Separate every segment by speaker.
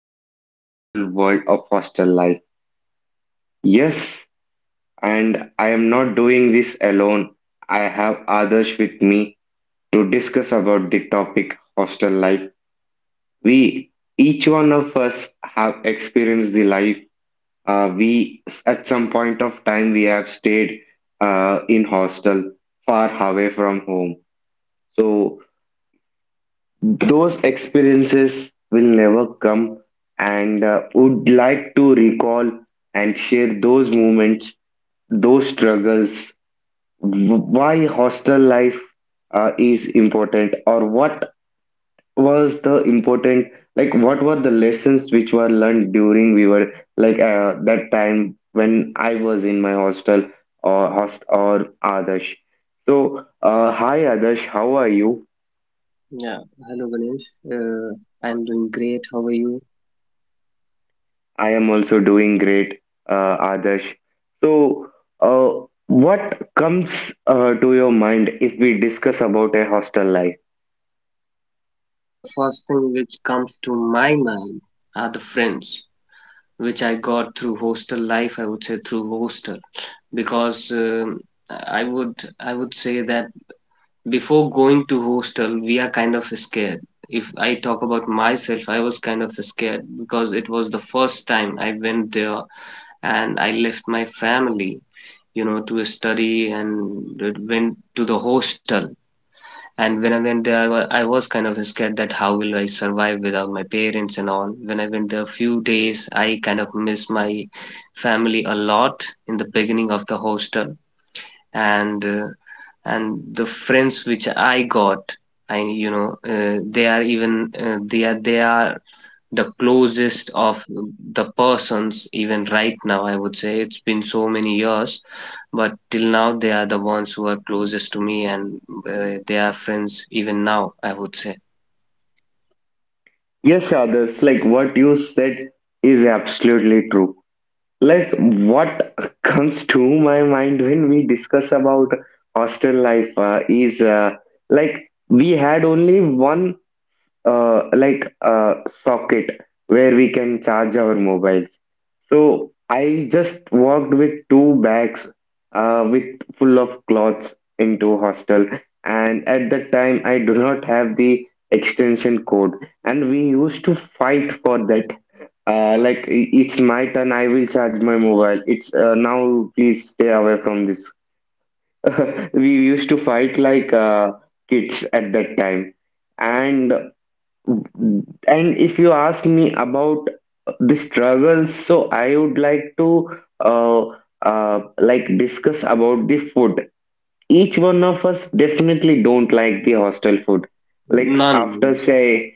Speaker 1: unforgettable world of hostel life. Yes, and I am not doing this alone. I have others with me to discuss about the topic hostel life. We, each one of us have experienced the life. We, at some point of time, we have stayed in hostel far away from home. So those experiences will never come, and would like to recall and share those moments, those struggles, why hostel life is important, or what was the important, like what were the lessons which were learned during we were like that time when I was in my hostel or host or Adarsh. So, hi Adarsh, how are you?
Speaker 2: Yeah, hello Ganesh. Uh, I'm doing great. How are you?
Speaker 1: I am also doing great, Adarsh. So, what comes to your mind if we discuss about a hostel life?
Speaker 2: The first thing which comes to my mind are the friends which I got through hostel life. I would say through hostel because I would I would say that before going to hostel we are kind of scared. If I talk about myself, I was kind of scared because it was the first time I went there and I left my family, to study and went to the hostel. And when I went there, I was kind of scared that how will I survive without my parents and all. When I went there a few days, I kind of missed my family a lot in the beginning of the hostel, and uh, and the friends which I got, they are even they are the closest of the persons, even right now, I would say. It's been so many years, but till now, they are the ones who are closest to me, and they are friends even now, I would say.
Speaker 1: Yes, Adarsh, like what you said is absolutely true. Like what comes to my mind when we discuss about hostel life is like we had only one uh, like uh, socket where we can charge our mobiles. So I just walked with two bags with full of clothes into hostel. And at that time, I do not have the extension code. And we used to fight for that. Like it's my turn, I will charge my mobile. It's now, please stay away from this. We used to fight like kids at that time. And if you ask me about the struggles, so I would like to uh, like discuss about the food. Each one of us definitely don't like the hostel food, like
Speaker 2: None.
Speaker 1: after say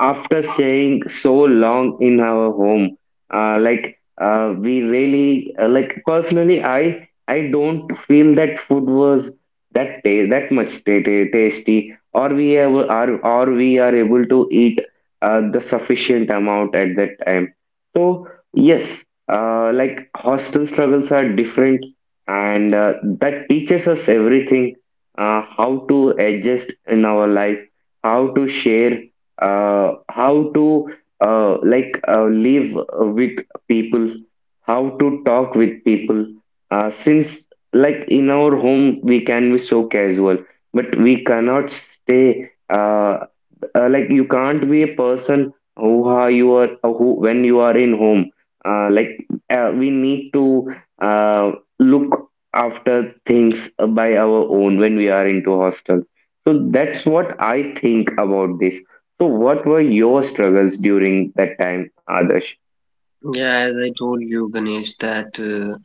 Speaker 1: after staying so long in our home, we really like personally I don't feel that food was that ta that much ta ta tasty, or we have, are, or we are able to eat the sufficient amount at that time. So yes, like hostel struggles are different, and that teaches us everything, how to adjust in our life, how to share, how to like live with people, how to talk with people, since like in our home we can be so casual but we cannot stay like you can't be a person who are you are who when you are in home. uh, like we need to uh, look after things by our own when we are into hostels. So that's what I think about this. So what were your struggles during that time, Adarsh?
Speaker 2: Yeah, as I told you, Ganesh, that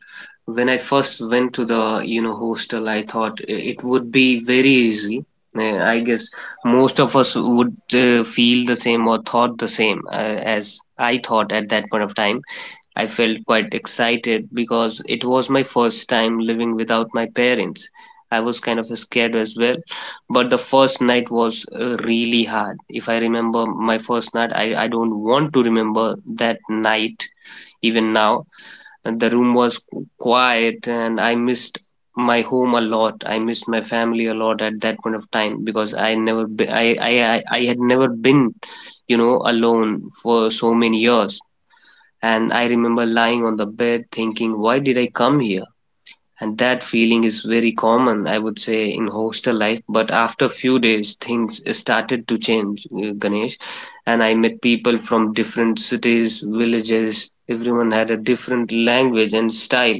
Speaker 2: when I first went to the, hostel, I thought it would be very easy. I guess most of us would feel the same or thought the same as I thought at that point of time. I felt quite excited because it was my first time living without my parents. I was kind of scared as well, but the first night was really hard. If I remember my first night, I don't want to remember that night even now. And the room was quiet and I missed my home a lot. I missed my family a lot at that point of time because I never be, I had never been, alone for so many years, and I remember lying on the bed thinking, why did I come here? And that feeling is very common, I would say, in hostel life. But after few days things started to change, Ganesh, and I met people from different cities, villages. Everyone had a different language and style.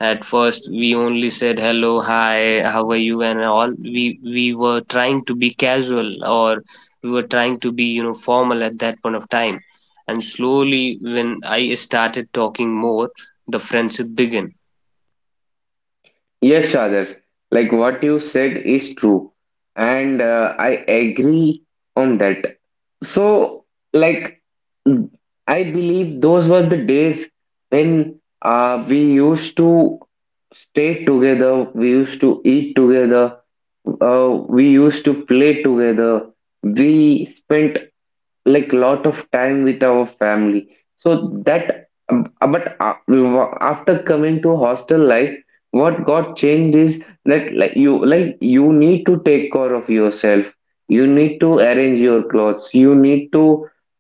Speaker 2: At first we only said hello, hi, how are you, and all. We were trying to be casual or we were trying to be, formal at that point of time. And slowly when I started talking more, the friendship began.
Speaker 1: Yes, others. Like what you said is true, and I agree on that. So, like I believe those were the days when we used to stay together, we used to eat together, we used to play together, we spent like lot of time with our family so that but a- after coming to hostel life what got changed is that like you need to take care of yourself, you need to arrange your clothes, you need to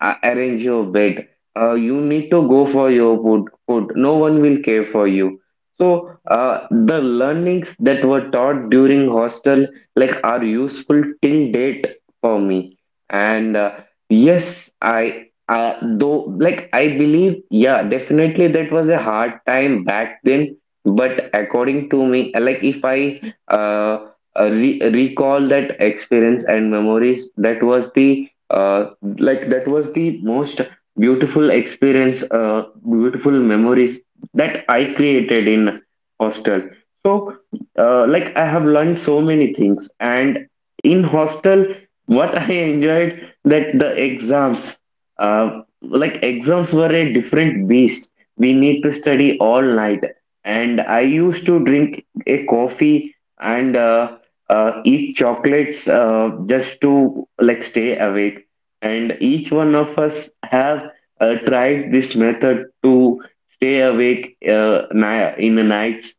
Speaker 1: arrange your bed, you need to go for your food, no one will care for you. So the learnings that were taught during hostel like are useful till date for me. And yes, I though like I believe, yeah, definitely that was a hard time back then. But according to me, like if I uh, re recall that experience and memories, that was the like that was the most beautiful experience, beautiful memories that I created in hostel. So, like I have learned so many things, and in hostel, what I enjoyed that the exams, like exams were a different beast. We need to study all night. And I used to drink a coffee and eat chocolates just to like stay awake. And each one of us have tried this method to stay awake in the nights.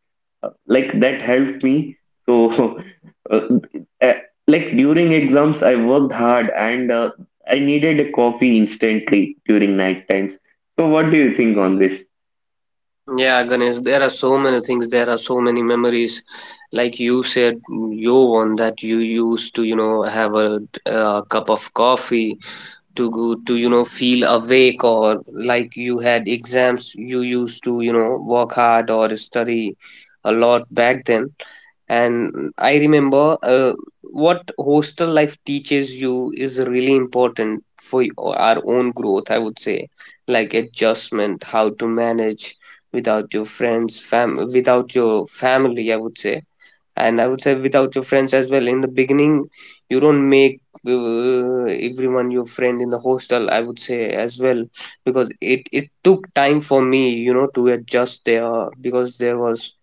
Speaker 1: Like that helped me so. Uh, like during exams I worked hard, and I needed a coffee instantly during night times. So, what do you think on this?
Speaker 2: Yeah, Ganesh, there are so many things. There are so many memories. Like you said, your one that you used to, have a cup of coffee to go to feel awake, or like you had exams you used to work hard or study a lot back then. And I remember, what hostel life teaches you is really important for our own growth, I would say. Like adjustment, how to manage without your friends fam without your family, I would say. And I would say without your friends as well in the beginning. You don't make, everyone your friend in the hostel, I would say, as well, because it took time for me, to adjust there, because there was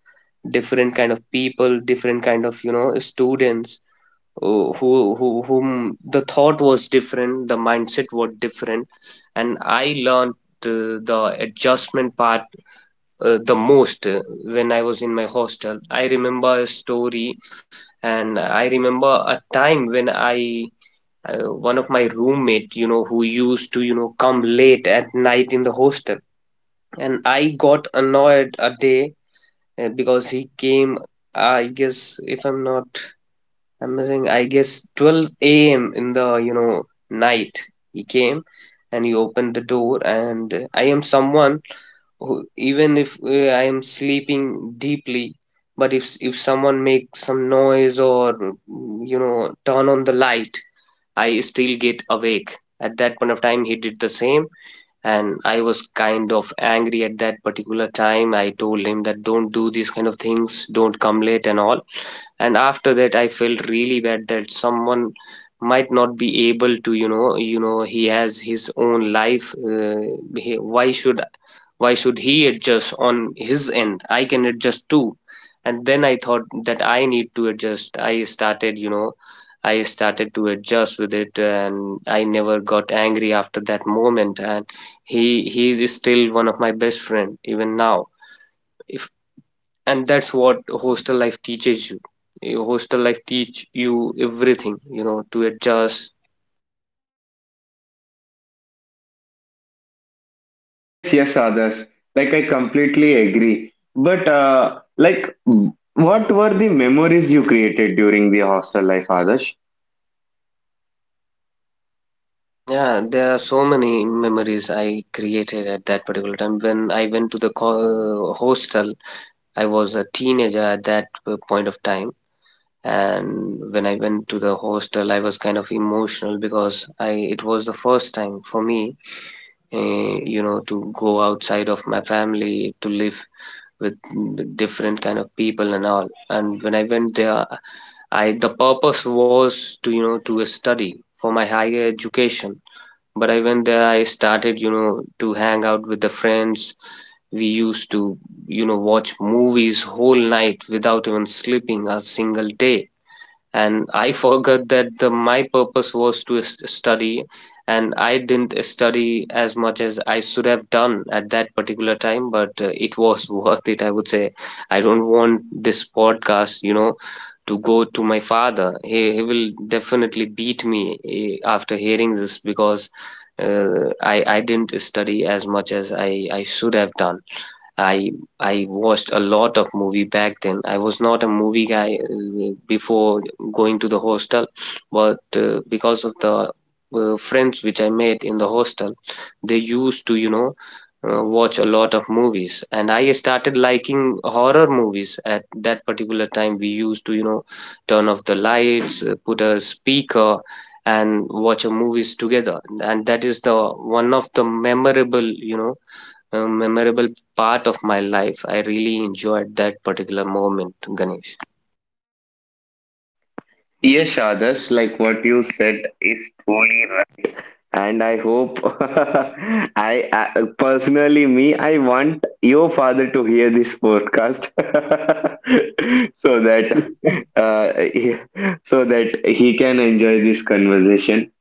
Speaker 2: different kind of people, different kind of, students, whom the thought was different, the mindset was different. And I learned, the adjustment part, the most, when I was in my hostel. I remember a story, and I remember a time when I one of my roommate, who used to come late at night in the hostel, and I got annoyed a day because he came. I guess if I'm not, I'm missing. I guess 12 a.m. in the night he came, and he opened the door, and I am someone even if I am sleeping deeply, but if someone makes some noise or turn on the light, I still get awake. At that point of time, he did the same, and I was kind of angry at that particular time. I told him that don't do these kind of things, don't come late and all. And after that I felt really bad that someone might not be able to. He has his own life he, why should he adjust on his end. I can adjust too. And then I thought that I need to adjust. I started to adjust with it, and I never got angry after that moment. And he is still one of my best friend even now. And that's what hostel life teaches you. Your hostel life teach you everything, to adjust.
Speaker 1: Yes, yes, others. Like I completely agree. But like, what were the memories you created during the hostel life, Adarsh?
Speaker 2: Yeah, there are so many memories I created at that particular time when I went to the hostel. I was a teenager at that point of time. And when I went to the hostel I was kind of emotional because I it was the first time for me, to go outside of my family, to live with different kind of people and all. And when I went there, I the purpose was to, to study for my higher education. But I went there, I started, to hang out with the friends. We used to, watch movies whole night without even sleeping a single day. And I forgot that my purpose was to study. And I didn't study as much as I should have done at that particular time, but it was worth it, I would say. I don't want this podcast, to go to my father. He will definitely beat me, after hearing this, because I didn't study as much as I should have done. I I watched a lot of movie back then. I was not a movie guy before going to the hostel, but because of the friends which I made in the hostel, they used to, watch a lot of movies, and I started liking horror movies at that particular time. We used to, turn off the lights, put a speaker, and watch a movies together. And that is the one of the memorable, you know a memorable part of my life. I really enjoyed that particular moment, Ganesh.
Speaker 1: Yes, Adarsh, like what you said is truly, and I hope I personally me I want your father to hear this podcast so that uh, he- so that he can enjoy this conversation.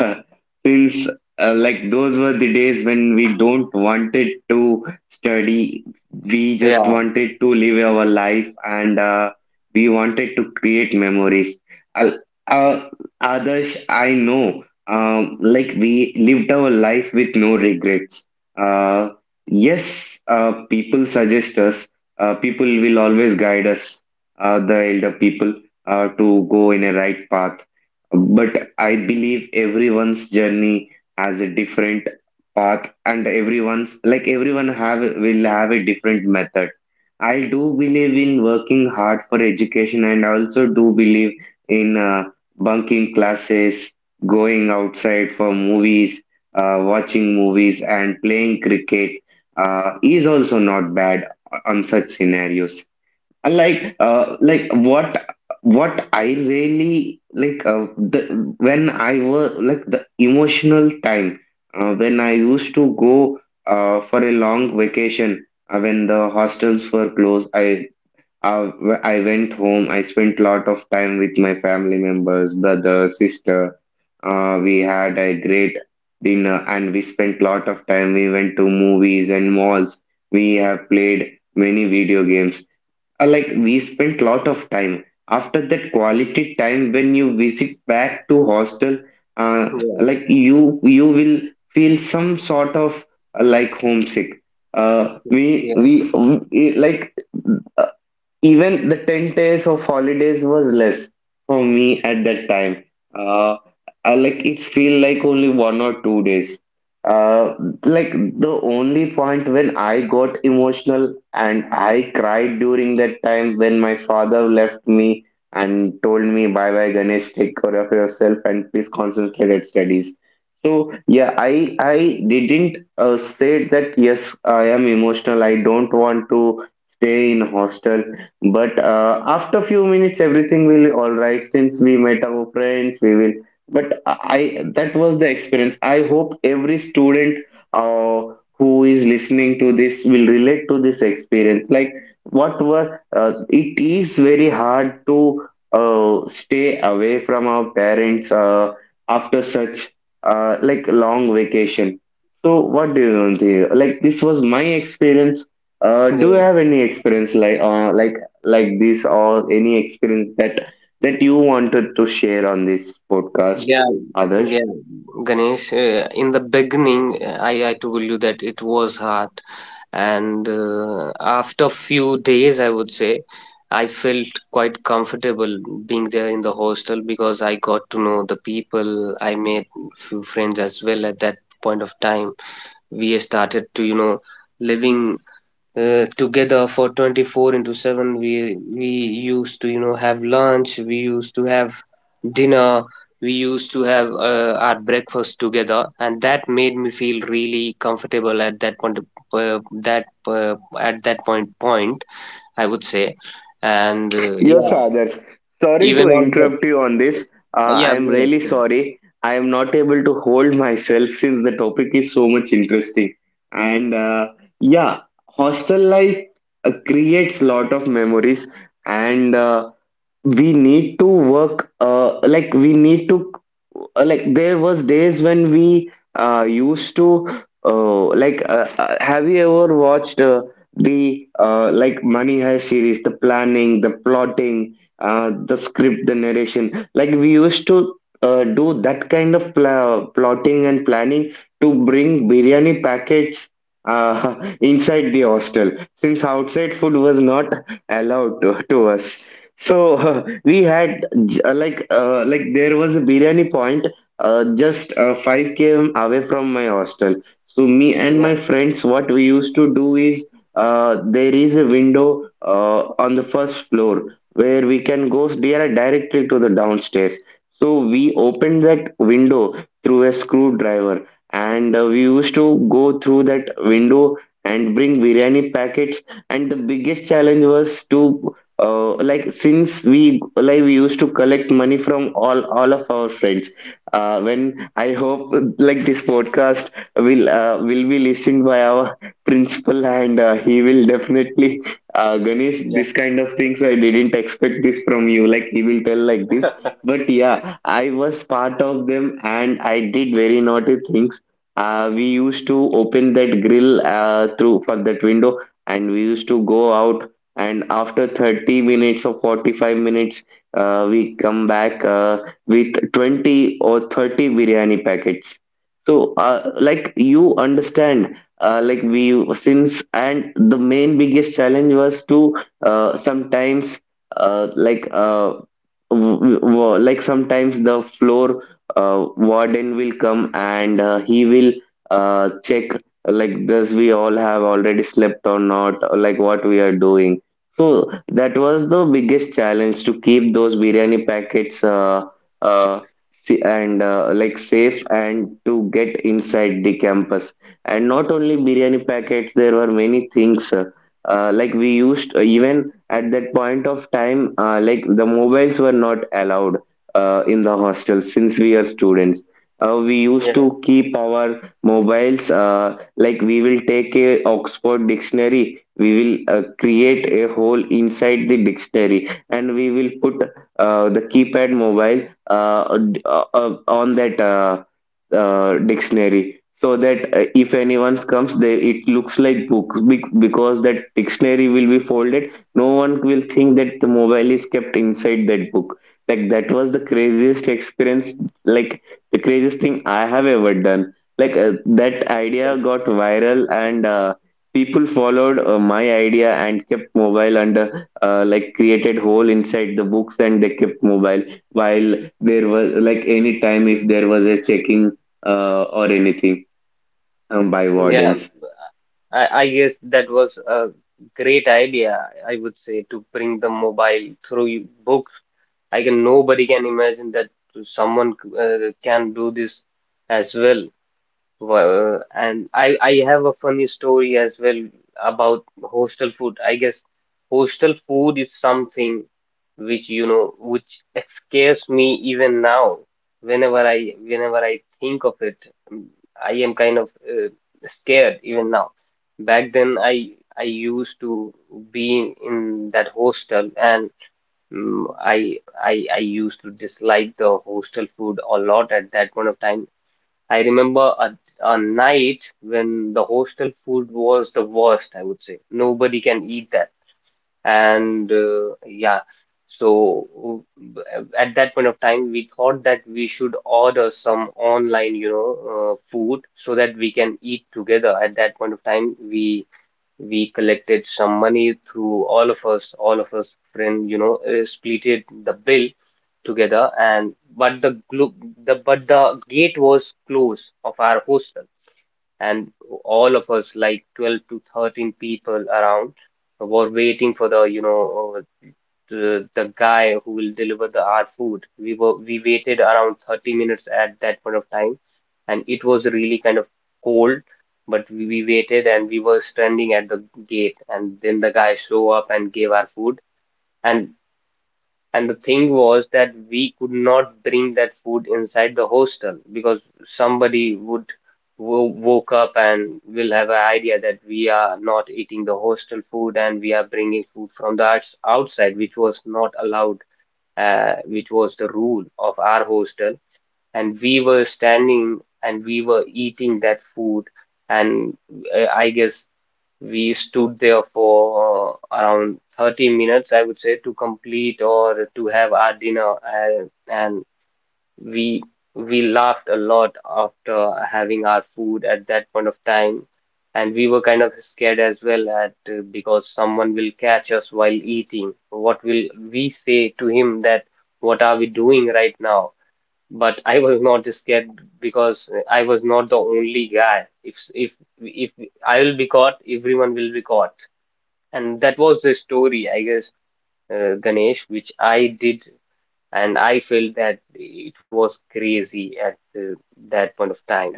Speaker 1: Since like those were the days when we don't wanted to study. We just
Speaker 2: Yeah,
Speaker 1: wanted to live our life, and we wanted to create memories. I'll- Uh, Adarsh, I know, um, like we lived our life with no regrets. Uh, yes, people suggest us, people will always guide us, the elder people, to go in a right path. But I believe everyone's journey has a different path, and everyone have will have a different method. I do believe in working hard for education, and I also do believe in bunking classes, going outside for movies, watching movies and playing cricket is also not bad on such scenarios. Like like what I really like when I was like the emotional time when I used to go for a long vacation, when the hostels were closed, I I went home. I spent lot of time with my family members, brother, sister. We had a great dinner, and we spent lot of time. We went to movies and malls, we have played many video games, like we spent lot of time. After that quality time, when you visit back to hostel,
Speaker 2: yeah,
Speaker 1: like you will feel some sort of like homesick. uh, we
Speaker 2: yeah,
Speaker 1: we like uh, even the 10 days of holidays was less for me at that time. uh, I like it feel like only one or two days. uh, like the only point when I got emotional and I cried during that time when my father left me and told me bye bye Ganesh, take care of yourself and please concentrate at studies. So yeah, I didn't say that yes I am emotional, I don't want to stay in hostel. But after few minutes, everything will all right. Since we met our friends, we will. But I that was the experience. I hope every student uh, who is listening to this will relate to this experience. Like what were it is very hard to stay away from our parents after such like long vacation. So what do you think? Like this was my experience.
Speaker 2: yeah,
Speaker 1: Do you have any experience like like? Like this or any experience that you wanted to share on this podcast,
Speaker 2: yeah.
Speaker 1: others?
Speaker 2: Yeah. Ganesh, in the beginning, I told you that it was hard, and after few days, I would say, I felt quite comfortable being there in the hostel because I got to know the people. I made few friends as well at that point of time. We started to, living together for 24 into 7. We used to have lunch, we used to have dinner, we used to have, our breakfast together, and that made me feel really comfortable at that point, that at that point, I would say. And
Speaker 1: Yes,
Speaker 2: yeah.
Speaker 1: others. Sorry to
Speaker 2: Even on the.
Speaker 1: interrupt you on this. Uh, I
Speaker 2: Yeah,
Speaker 1: am
Speaker 2: go ahead.
Speaker 1: really
Speaker 2: Go
Speaker 1: sorry. I am not able to hold myself since the topic is so much interesting. And yeah, hostel life creates lot of memories. And we need to work like we need to like there was days when we used to have you ever watched the like money heist series, the planning, the plotting, the script, the narration, like we used to do that kind of plotting and planning to bring biryani packets uh, inside the hostel, since outside food was not allowed to us. So we had like there was a biryani point just 5 km away from my hostel. So me and my
Speaker 2: ahead.
Speaker 1: friends, what we used to do is there is a window on the first floor where we can go directly to the downstairs. So we opened that window through a screwdriver, and we used to go through that window and bring biryani packets. And the biggest challenge was to like since we like we used to collect money from all of our friends. When I hope like this podcast will be listened by our principal, and he will definitely Ganesh,
Speaker 2: Yeah,
Speaker 1: this
Speaker 2: yeah.
Speaker 1: kind of things I didn't expect this from you, like he will tell like this. But yeah, I was part of them, and I did very naughty things. We used to open that grill through for that window, and we used to go out. And after 30 minutes or 45 minutes, we come back with 20 or 30 biryani packets. So like you understand like we since. And the main biggest challenge was to sometimes uh, like uh, like sometimes the floor warden will come, and he will check like does we all have already slept or not, or like what we are doing. So that was the biggest challenge, to keep those biryani packets uh, and like safe and to get inside the campus. And not only biryani packets, there were many things. Like we used Even at that point of time, like the mobiles were not allowed in the hostel since we are students. We used
Speaker 2: Yeah,
Speaker 1: to keep our mobiles, like we will take a Oxford dictionary, we will create a hole inside the dictionary, and we will put the keypad mobile on that dictionary, so that if anyone comes there it looks like books, because that dictionary will be folded, no one will think that the mobile is kept inside that book. Like that was the craziest experience, like the craziest thing I have ever done. Like that
Speaker 2: yeah.
Speaker 1: idea got viral, and people followed my idea and kept mobile under like created hole inside the books, and they kept mobile, while there was like any time if there was a checking or anything by
Speaker 2: Yeah,
Speaker 1: wardens.
Speaker 2: I guess that was a great idea, I would say, to bring the mobile through books. I can nobody can imagine that someone can do this as well. Well, and I have a funny story as well about hostel food. I guess hostel food is something which you know which scares me even now. Whenever I think of it, mm, I am kind of scared even now. Back then, I used to be in that hostel, and mm I I used to dislike the hostel food a lot at that point of time. I remember a night when the hostel food was the worst, I would say. Nobody can eat that. And yeah, so at that point of time, we thought that we should order some online, food so that we can eat together. At that point of time, we collected some money through all of us friend, splitted the bill together, and but the glo- the but the gate was closed of our hostel, and all of us, like 12 to 13 people around, were waiting for the guy who will deliver the our food. We waited around 30 minutes at that point of time, and it was really kind of cold. But we waited and we were standing at the gate, and then the guy show up and gave our food. And and the thing was that we could not bring that food inside the hostel because somebody would wo woke up and will have an idea that we are not eating the hostel food and we are bringing food from the outside, which was not allowed, which was the rule of our hostel. And we were standing and we were eating that food. And I guess we stood there for around 30 minutes, I would say, to complete or to have our dinner. And we we laughed a lot after having our food at that point of time. And we were kind of scared as well at because someone will catch us while eating. What will we say to him that what are we doing right now? But I was not scared because I was not the only guy. If I will be caught, everyone will be caught, and that was the story, I guess, Ganesh, which I did, and I felt that it was crazy at that point of time.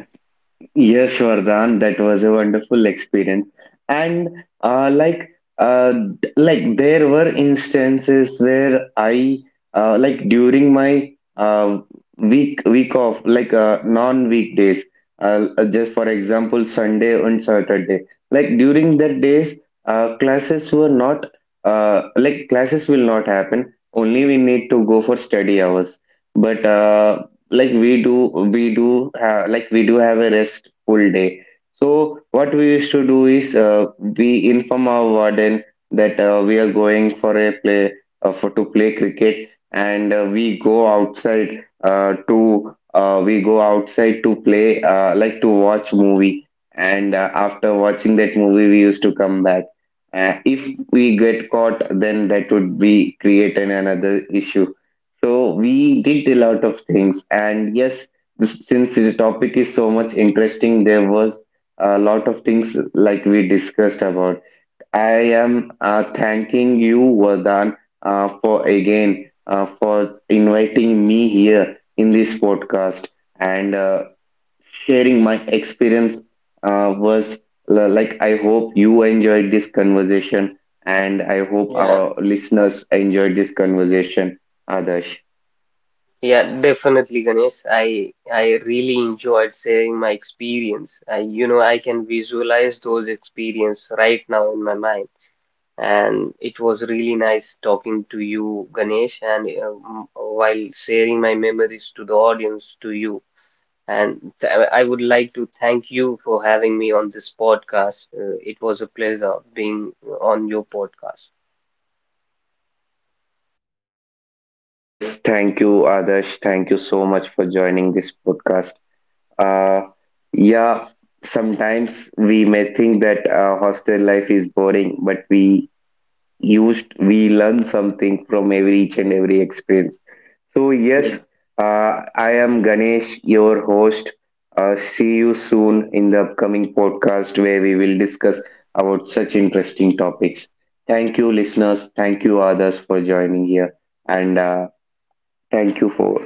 Speaker 1: Yes, Vardhan, that was a wonderful experience. And like uh, like there were instances where I like during my week off, like non weekdays, just for example Sunday and Saturday. Like during that days, uh, classes were not classes will not happen, only we need to go for study hours. But like we do we do have like we do have a restful day. So what we used to do is we inform our warden that we are going for a play, for to play cricket, and we go outside to play, like to watch movie. And after watching that movie we used to come back. If we get caught, then that would be create an another issue. So we did a lot of things, and yes, since the topic is so much interesting, there was a lot of things like we discussed about. I am thanking you, Vardhan, for inviting me here in this podcast, and sharing my experience. Uh, was like I hope you enjoyed this conversation, and I hope
Speaker 2: Yeah,
Speaker 1: our listeners enjoyed this conversation, Adarsh.
Speaker 2: yeah, definitely, Ganesh. I really enjoyed sharing my experience. I can visualize those experience right now in my mind. And it was really nice talking to you, Ganesh, and while sharing my memories to the audience, to you. And I would like to thank you for having me on this podcast. It was a pleasure being on your podcast.
Speaker 1: Yes, thank you, Adarsh. Thank you so much for joining this podcast. Uh, yeah, sometimes we may think that hostel life is boring, but we learn something from every each and every experience. So yes,
Speaker 2: Yeah.
Speaker 1: I am Ganesh, your host. See you soon in the upcoming podcast where we will discuss about such interesting topics. Thank you, listeners. Thank you, others, for joining here, and thank you for.